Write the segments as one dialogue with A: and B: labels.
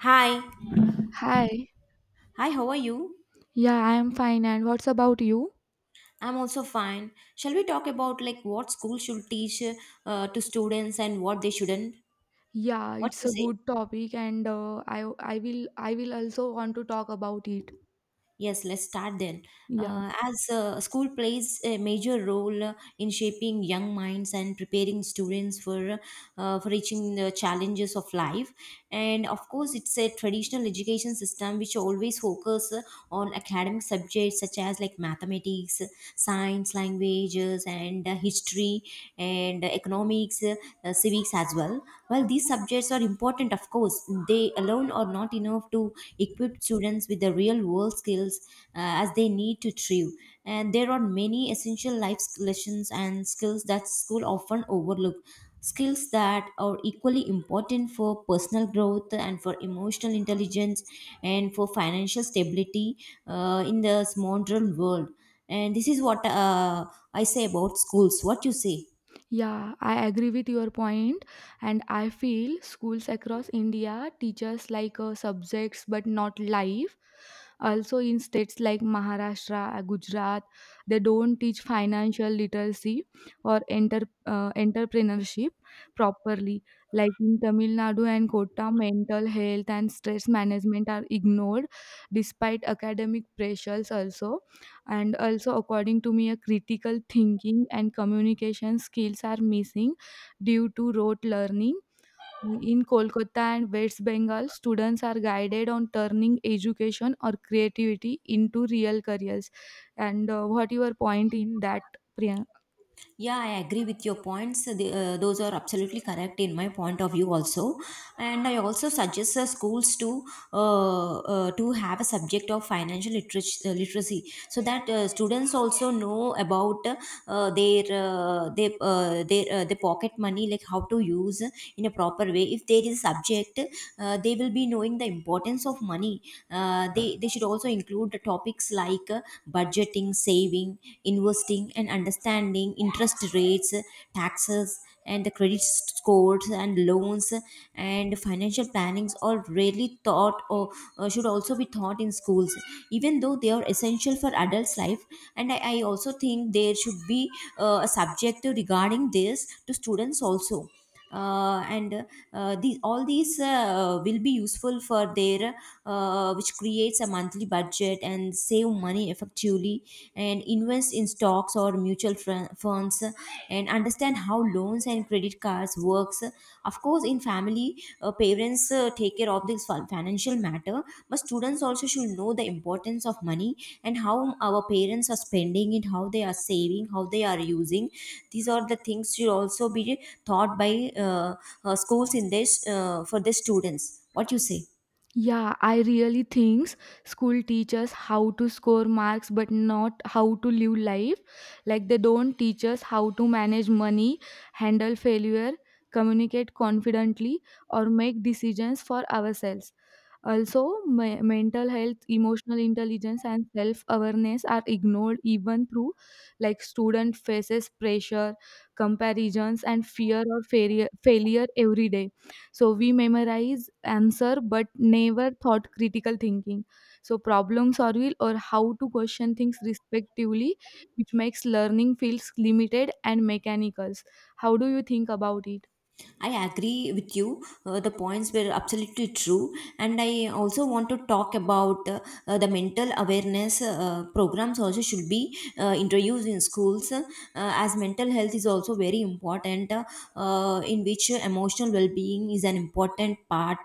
A: Hi.
B: Hi.
A: Hi, how are you?
B: Yeah, I am fine. And what's about you?
A: I'm also fine. Shall we talk about like what school should teach to students and what they shouldn't?
B: Yeah,
A: What
B: it's
A: you
B: a
A: say?
B: good topic, and I will also want to talk about it.
A: Yes, let's start then.
B: Yeah.
A: As school plays a major role in shaping young minds and preparing students for reaching the challenges of life, and of course, it's a traditional education system which always focus on academic subjects such as like mathematics, science, languages, and history, and economics, civics as well. While these subjects are important, of course, they alone are not enough to equipped students with the real world skills as they need to thrive. And there are many essential life lessons and skills that school often overlook. Skills that are equally important for personal growth and for emotional intelligence and for financial stability in this modern world. And this is what I say about schools. What you say?
B: Yeah, I agree with your point, and I feel schools across India teaches like subjects but not life. Also, in states like Maharashtra, Gujarat, they don't teach financial literacy or entrepreneurship properly. Like in Tamil Nadu and Kota, mental health and stress management are ignored despite academic pressures also, and also according to me a critical thinking and communication skills are missing due to rote learning. In Kolkata and West Bengal students are guided on turning education or creativity into real careers, and what your point in that, Priyanka?
A: Yeah, I agree with your points. Those are absolutely correct in my point of view also. And I also suggest the schools to have a subject of financial literacy, literacy so that students also know about their pocket money, like how to use in a proper way. If there is a subject, they will be knowing the importance of money they should also include the topics like budgeting saving investing and understanding interest rates taxes and the credit scores and loans and financial plannings are rarely taught or should also be taught in schools even though they are essential for adults life and I also think there should be a subject regarding this to students also and these all these will be useful for their which creates a monthly budget and save money effectively and invest in stocks or funds and understand how loans and credit cards works. Of course in family, parents take care of this financial matter, but students also should know the importance of money and how our parents are spending it, how they are saving, how they are using. These are the things should also be taught by schools in this for the students. What you say?
B: Yeah, I really thinks school teaches how to score marks but not how to live life. Like they don't teach us how to manage money, handle failure, communicate confidently or make decisions for ourselves. Also, mental health, emotional intelligence and self-awareness are ignored even through like student faces pressure, comparisons and fear or failure every day, so we memorize answer but never thought critical thinking. So problem solving or how to question things respectively, which makes learning feels limited and mechanical. How do you think about it?
A: I agree with you. The points were absolutely true. And I also want to talk about the mental awareness programs also should be introduced in schools as mental health is also very important in which emotional well-being is an important part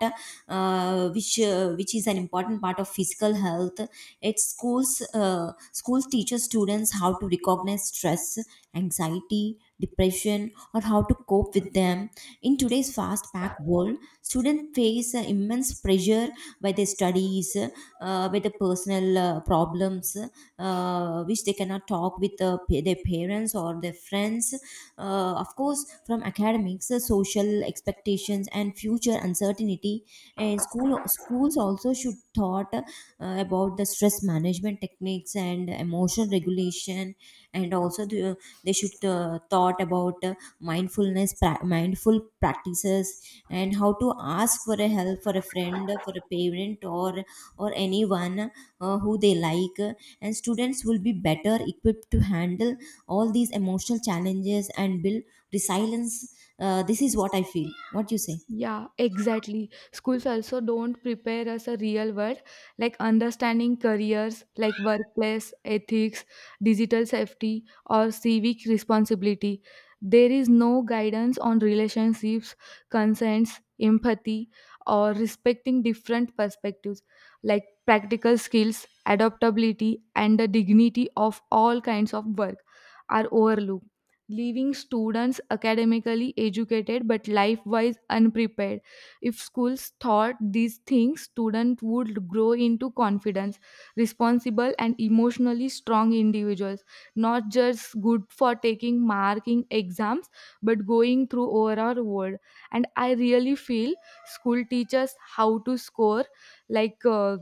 A: which is an important part of physical health. Schools teaches students how to recognize stress, anxiety, depression or how to cope with them. In today's fast packed world, students face immense pressure by their studies, by the personal problems, which they cannot talk with their parents or their friends. Of course, from academics, social expectations, and future uncertainty. And schools also should thought about the stress management techniques and emotional regulation, and also the, they should thought about mindful practices and how to ask for a help, for a friend, for a parent, or anyone who they like. And students will be better equipped to handle all these emotional challenges and build resilience. Uh, this is what I feel. What you say?
B: Yeah, exactly. Schools also don't prepare us a real world, like understanding careers, like workplace ethics, digital safety, or civic responsibility. There is no guidance on relationships, consents, empathy, or respecting different perspectives, like practical skills, adaptability, and the dignity of all kinds of work are overlooked, leaving students academically educated but life wise unprepared. If schools taught these things, students would grow into confidence, responsible, and emotionally strong individuals, not just good for taking marking exams but going through overall world. And I really feel school teaches how to score like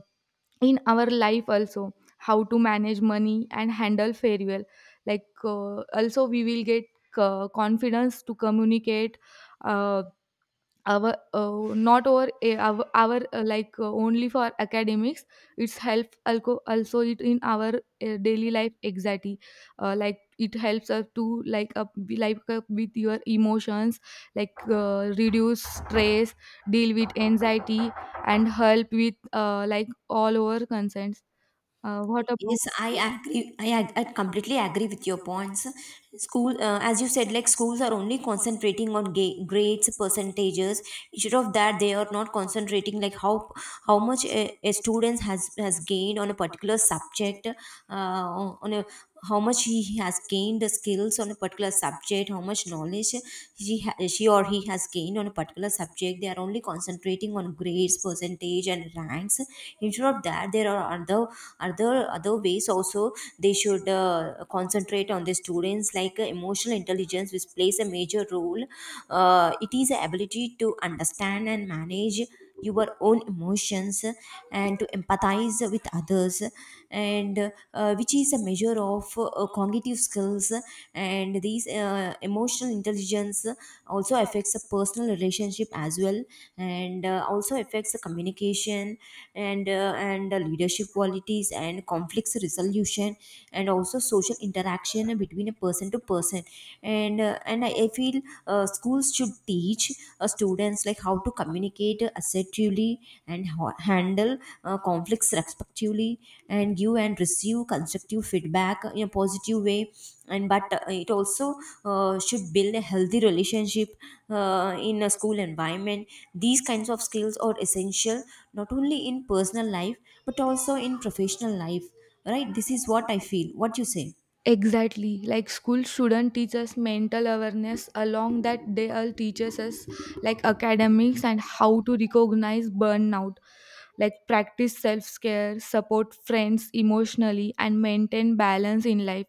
B: in our life also how to manage money and handle farewell, like also we will get confidence to communicate uh, our not our eh, our like only for academics. It's help also it in our daily life anxiety, like it helps us to like up be like up with your emotions, like reduce stress, deal with anxiety and help with like all our concerns. What about?
A: Yes, I agree. I completely agree with your points. School, as you said, like schools are only concentrating on grades, percentages. Instead of that, they are not concentrating like how much a student has gained on a particular subject on a how much he has gained the skills on a particular subject, how much knowledge she or he has gained on a particular subject. They are only concentrating on grades, percentage and ranks. Instead of that there are other ways also. They should concentrate on the students like emotional intelligence, which plays a major role. Uh, it is the ability to understand and manage your own emotions and to empathize with others, and which is a measure of cognitive skills. And these emotional intelligence also affects the personal relationship as well, and also affects the communication, and the leadership qualities and conflicts resolution, and also social interaction between a person to person. And I feel schools should teach students like how to communicate assertively and handle conflicts respectively, and give and receive constructive feedback in a positive way. And but it also should build a healthy relationship in a school environment. These kinds of skills are essential not only in personal life but also in professional life, right? This is what I feel. What you say?
B: Exactly. Like school shouldn't teach us mental awareness, along that they all teaches us like academics and how to recognize burnout, like practice self-care, support friends emotionally and maintain balance in life.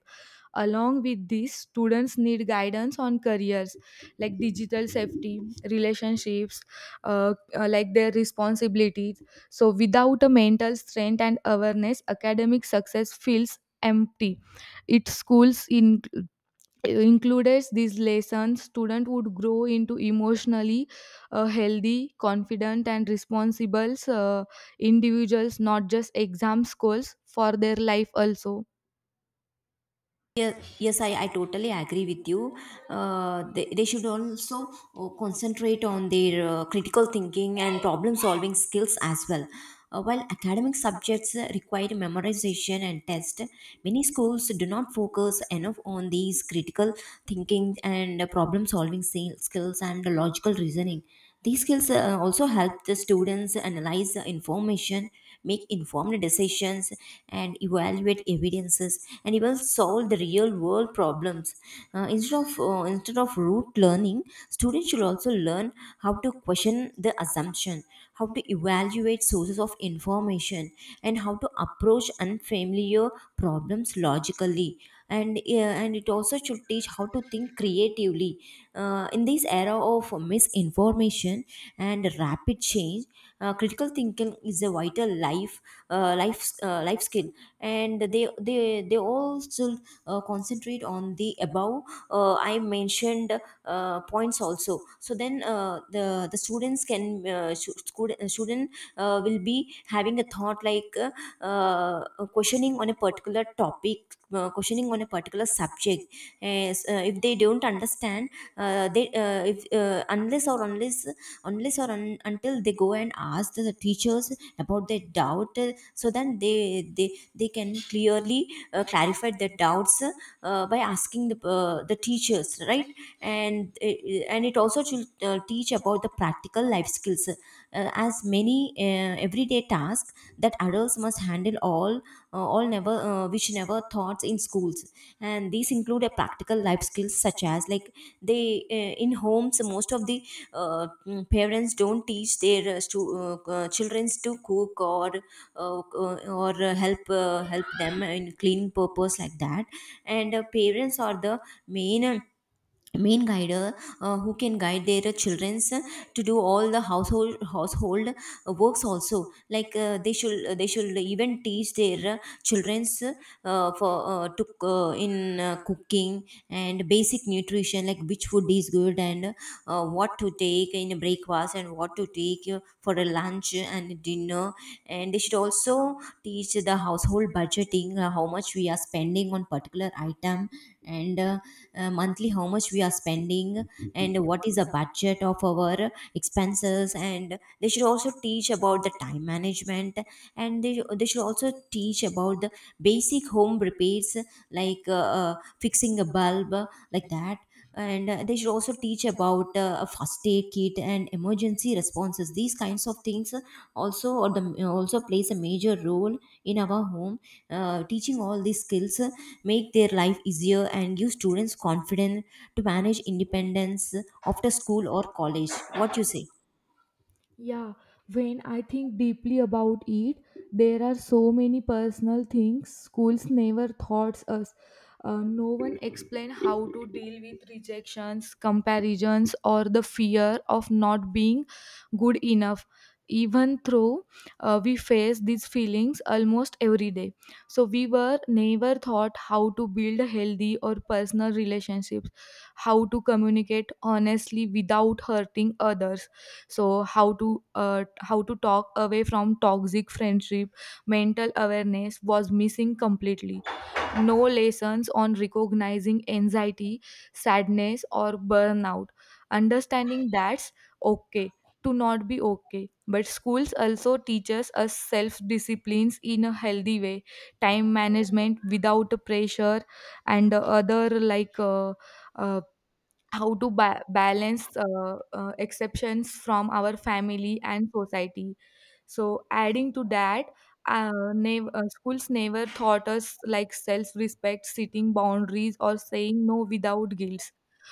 B: Along with this, students need guidance on careers like digital safety, relationships, like their responsibilities. So without a mental strength and awareness, academic success feels empty. Its schools in, included these lessons. Student would grow into emotionally healthy, confident, and responsible individuals, not just exam scores for their life also.
A: Yes, I totally agree with you. They should also concentrate on their critical thinking and problem solving skills as well. While academic subjects require memorization and test, many schools do not focus enough on these critical thinking and skills and logical reasoning. These skills also help the students analyze the information, make informed decisions, and evaluate evidences, and even solve the real world problems. Instead of rote learning, students should also learn how to question the assumption, how to evaluate sources of information, and how to approach unfamiliar problems logically. And yeah, and it also should teach how to think creatively in this era of misinformation and rapid change. Uh, critical thinking is a vital life skill, and they all still concentrate on the above I mentioned points also. So then the students can should, student student will be having a thought like uh, uh, questioning on a particular topic, questioning on a particular subject. As, if they don't understand they if unless or unless until they go and ask the teachers about their doubt. Uh, so then they they can clearly clarify their doubts by asking the teachers, right? And and it also should teach about the practical life skills as many everyday tasks that adults must handle all never which never thoughts in schools. And these include a practical life skills such as like they in homes, most of the parents don't teach their children to cook or uh, help them in cleaning purpose like that. And parents are the main uh, main guider who can guide their childrens to do all the household works also. Like they should even teach their childrens for to in cooking and basic nutrition, like which food is good and what to take in breakfast and what to take for a lunch and dinner. And they should also teach the household budgeting, how much we are spending on particular item, and monthly how much we are spending and what is the budget of our expenses. And they should also teach about the time management, and they should also teach about the basic home repairs like fixing a bulb, like that. And they should also teach about a first aid kit and emergency responses. These kinds of things also or the also plays a major role in our home. Uh, teaching all these skills make their life easier and give students confidence to manage independence after school or college. What you say?
B: Yeah, when I think deeply about it, there are so many personal things schools never taught us. No one explained how to deal with rejections, comparisons, or the fear of not being good enough. Even though we face these feelings almost every day, so we were never taught how to build healthy or personal relationships, how to communicate honestly without hurting others, so how to talk away from toxic friendship. Mental awareness was missing completely. No lessons on recognizing anxiety, sadness or burnout, understanding that's okay to not be okay, but schools also teaches us self disciplines in a healthy way, time management without pressure, and other like uh, how to balance exceptions from our family and society. So adding to that, schools never taught us like self-respect, setting boundaries or saying no without guilt,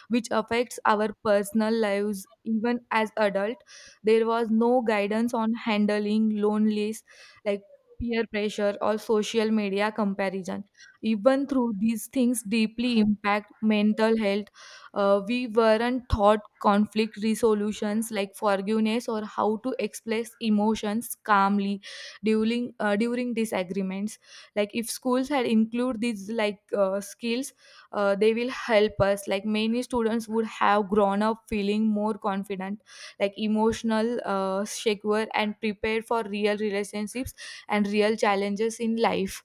B: which affects our personal lives even as adult. There was no guidance on handling loneliness, like peer pressure or social media comparison, even through these things deeply impact mental health. We weren't taught conflict resolutions like forgiveness or how to express emotions calmly during disagreements. Like if schools had include these like skills, they will help us. Like many students would have grown up feeling more confident, like emotional, secure, and prepared for real relationships and real challenges in life.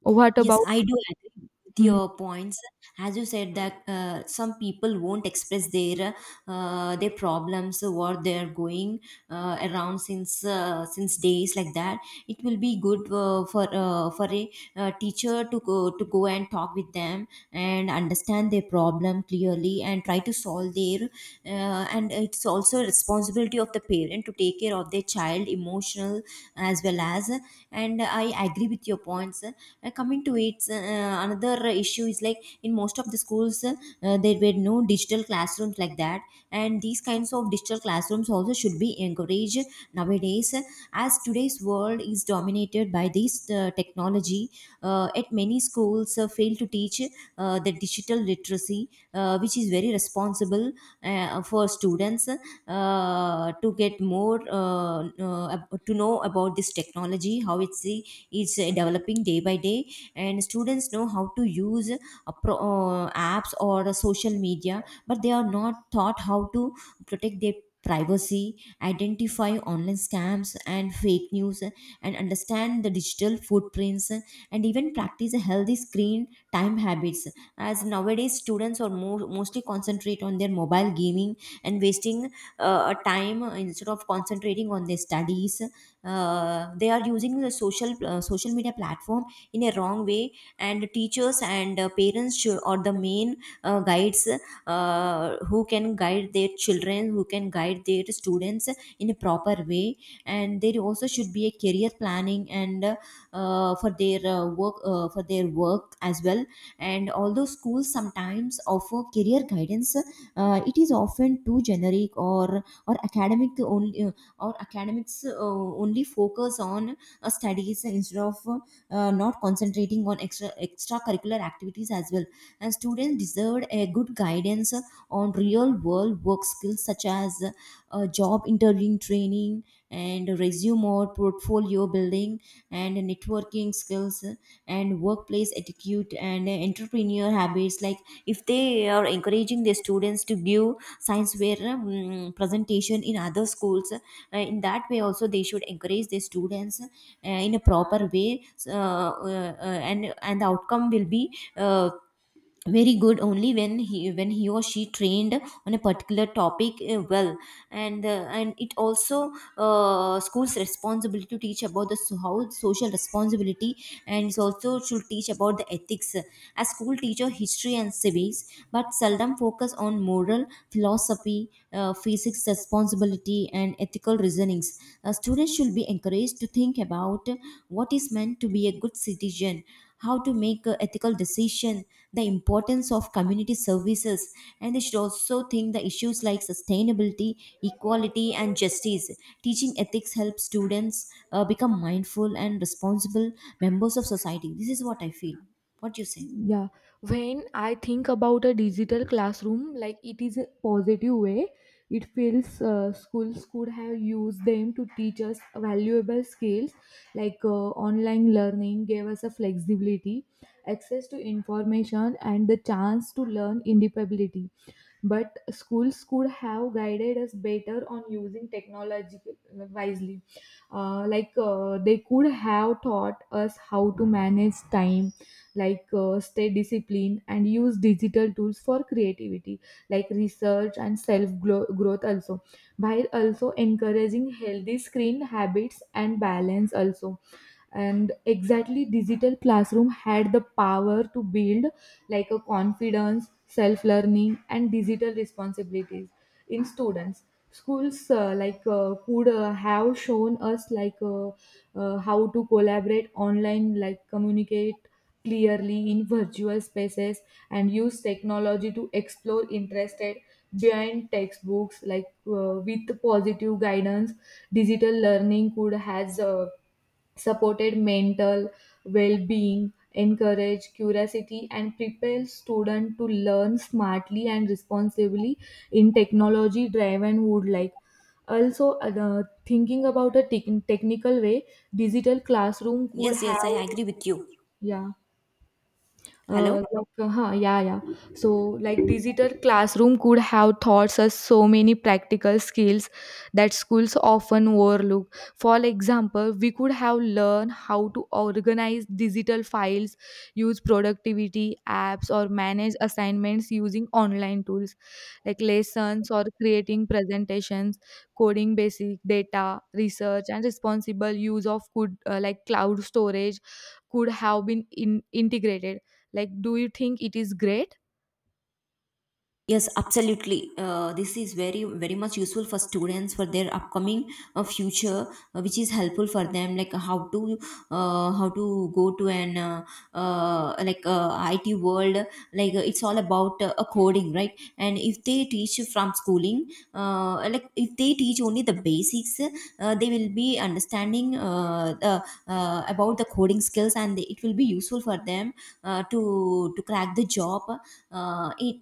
B: What
A: Yes,
B: about?
A: I do agree with your points. As you said that some people won't express their problems what they're going around since days like that. It will be good for a teacher to go and talk with them and understand their problem clearly and try to solve their. And it's also responsibility of the parent to take care of their child emotional as well as. And I agree with your points. Coming to its another issue is, like, in most of the schools, there were no digital classrooms like that, and these kinds of digital classrooms also should be encouraged nowadays. As today's world is dominated by this technology, at many schools fail to teach the digital literacy, which is very responsible for students to get more to know about this technology, how it's is developing day by day, and students know how to use apps or social media, but they are not taught how to protect their privacy, identify online scams and fake news, and understand the digital footprints, and even practice a healthy screen time habits, as nowadays students are mostly concentrate on their mobile gaming and wasting a time instead of concentrating on their studies. They are using the social media platform in a wrong way, and teachers and parents should, or the main guides, who can guide their children, who can guide their students in a proper way. And there also should be a career planning and, for their work for their work as well. And although schools sometimes offer career guidance, it is often too generic or academic only, or academics only focus on studies instead of not concentrating on extracurricular activities as well. And students deserve a good guidance on real world work skills, such as job interviewing training, and resume or portfolio building, and networking skills, and workplace etiquette and entrepreneur habits. Like, if they are encouraging their students to give science fair presentation in other schools, in that way also they should encourage the students in a proper way. And the outcome will be uh, very good only when he, when he or she trained on a particular topic well. And it also school's responsibility to teach about the how social responsibility, and it's also should teach about the ethics, as school teacher history and civics but seldom focus on moral philosophy, physics responsibility and ethical reasonings. Students should be encouraged to think about what is meant to be a good citizen, how to make a ethical decision, the importance of community services, and they should also think the issues like sustainability, equality and justice. Teaching ethics helps students become mindful and responsible members of society. This is what I feel. What do you say?
B: Yeah, when I think about a digital classroom, like it is a positive way. It feels schools could have used them to teach us valuable skills like online learning gave us a flexibility, access to information, and the chance to learn independently, but schools could have guided us better on using technology wisely. Like they could have taught us how to manage time, like stay disciplined and use digital tools for creativity like research and self growth also, while also encouraging healthy screen habits and balance also. And exactly digital classroom had the power to build like a confidence, self learning, and digital responsibilities in students. Schools like could have shown us like how to collaborate online, like communicate clearly in virtual spaces and use technology to explore interested behind textbooks like with positive guidance. Digital learning could has supported mental well-being, encourage curiosity and prepare students to learn smartly and responsibly in technology driven would, like also thinking about a technical way, digital classroom could
A: Yes, yes, I
B: have
A: agree with you.
B: yeah.
A: Hello?
B: Yeah, yeah. So, like, digital classroom could have taught us so many practical skills that schools often overlook. For example, we could have learned how to organize digital files, use productivity apps, or manage assignments using online tools like lessons or creating presentations, coding basic data, research, and responsible use of could like cloud storage could have been integrated. Like, do you think it is great?
A: Yes, absolutely. This is very, very much useful for students for their upcoming future, which is helpful for them, like, how to go to an, like, IT world. Like, it's all about a coding, right? And if they teach you from schooling, like if they teach only the basics, they will be understanding about the coding skills, and it will be useful for them to crack the job in,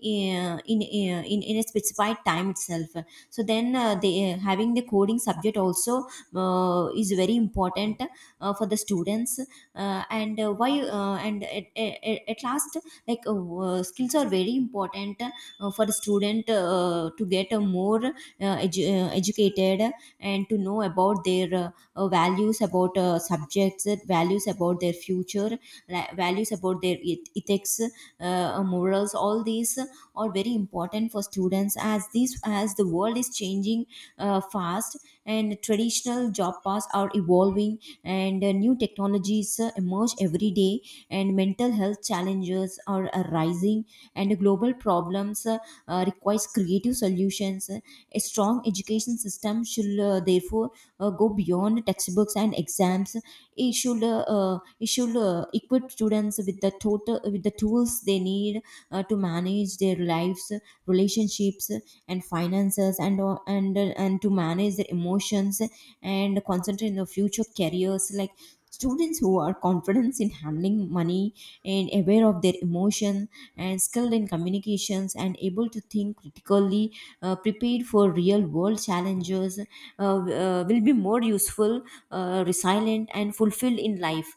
A: in a specified time itself. So then having the coding subject also is very important for the students. And Why at last, like, skills are very important for the student to get a more educated, and to know about their values about subjects, values about their future, values about their ethics, murals, all these are very important for students, as this as the world is changing fast and traditional job paths are evolving, and new technologies emerge every day, and mental health challenges are arising, and global problems requires creative solutions. A strong education system should, therefore, go beyond textbooks and exams. It should equip students with the tools they need to manage their lives, relationships, and finances, and to manage their emotions and concentrate in the future careers. Like, students who are confident in handling money, and aware of their emotion, and skilled in communications, and able to think critically, prepared for real world challenges will be more useful, resilient and fulfilled in life.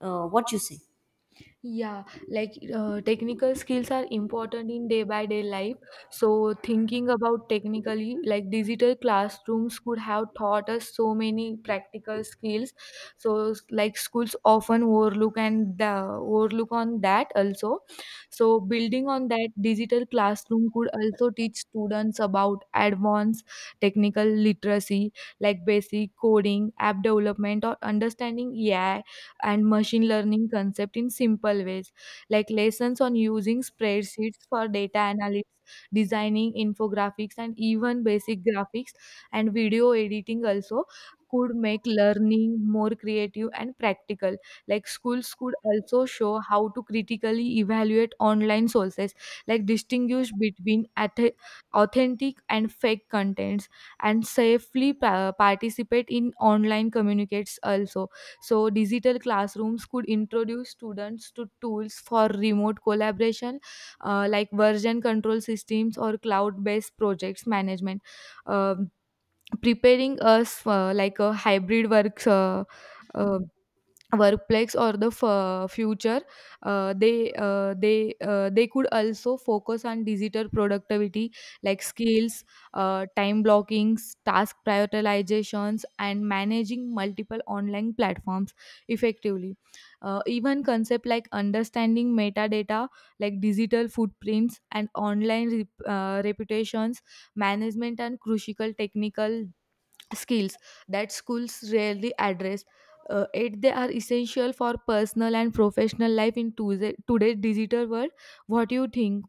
A: What you say?
B: Yeah, like technical skills are important in day by day life. So, thinking about technically, like digital classrooms could have taught us so many practical skills. So, like schools often overlook and overlook on that also. So, building on that, digital classroom could also teach students about advanced technical literacy, like basic coding, app development, or understanding AI and machine learning concept in simple ways, like lessons on using spreadsheets for data analytics, designing infographics, and even basic graphics and video editing also could make learning more creative and practical. Like schools could also show how to critically evaluate online sources, like distinguish between authentic and fake contents and safely participate in online communicates also. So, digital classrooms could introduce students to tools for remote collaboration, like version control systems or cloud based projects management, um preparing us for like a hybrid works. Um, Workplace or the future. They could also focus on digital productivity like skills, time blockings, task prioritizations and managing multiple online platforms effectively. Even concept like understanding metadata like digital footprints and online reputations management and crucial technical skills that schools rarely address. Yet they are essential for personal and professional life in today's digital world. What do you think?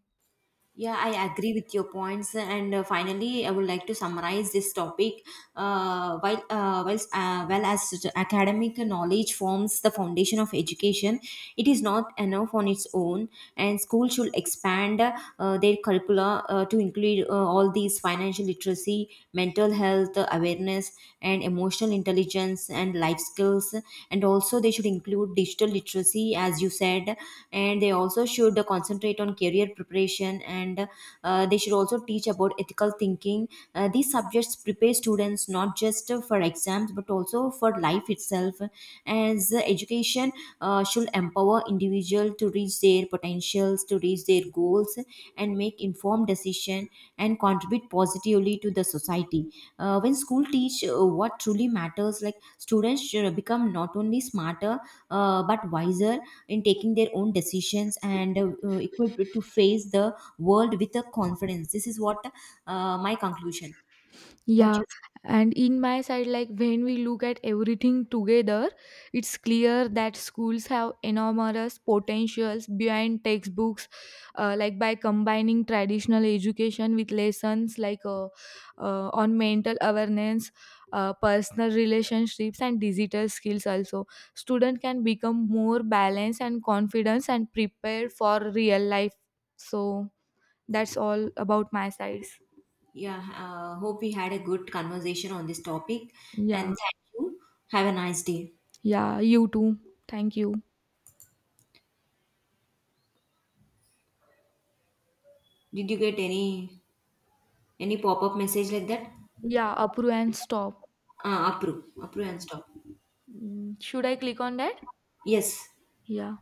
A: Yeah, I agree with your points. And finally, I would like to summarize this topic. Well, as the academic knowledge forms the foundation of education, it is not enough on its own, and schools should expand their curricula to include all these financial literacy, mental health awareness, and emotional intelligence and life skills. And also, they should include digital literacy, as you said, and they also should concentrate on career preparation, and they should also teach about ethical thinking. These subjects prepare students not just for exams but also for life itself, as education should empower individual to reach their potentials, to reach their goals, and make informed decision, and contribute positively to the society. When school teach what truly matters, like, students should become not only smarter but wiser in taking their own decisions, and equipped to face the world with a confidence. This is what my conclusion. What
B: Yeah,
A: you?
B: and in my side, like when we look at everything together, it's clear that schools have enormous potentials behind textbooks. Like by combining traditional education with lessons like on mental awareness, personal relationships, and digital skills, also student can become more balanced and confident and prepared for real life. So that's all about my sides.
A: Yeah, hope we had a good conversation on this topic, and
B: Yeah.
A: thank you. Have a nice day.
B: Yeah, you too. Thank you.
A: Did you get any pop-up message like that?
B: Yeah, approve and stop.
A: Approve and stop.
B: Mm, should I click on that?
A: Yes.
B: Yeah.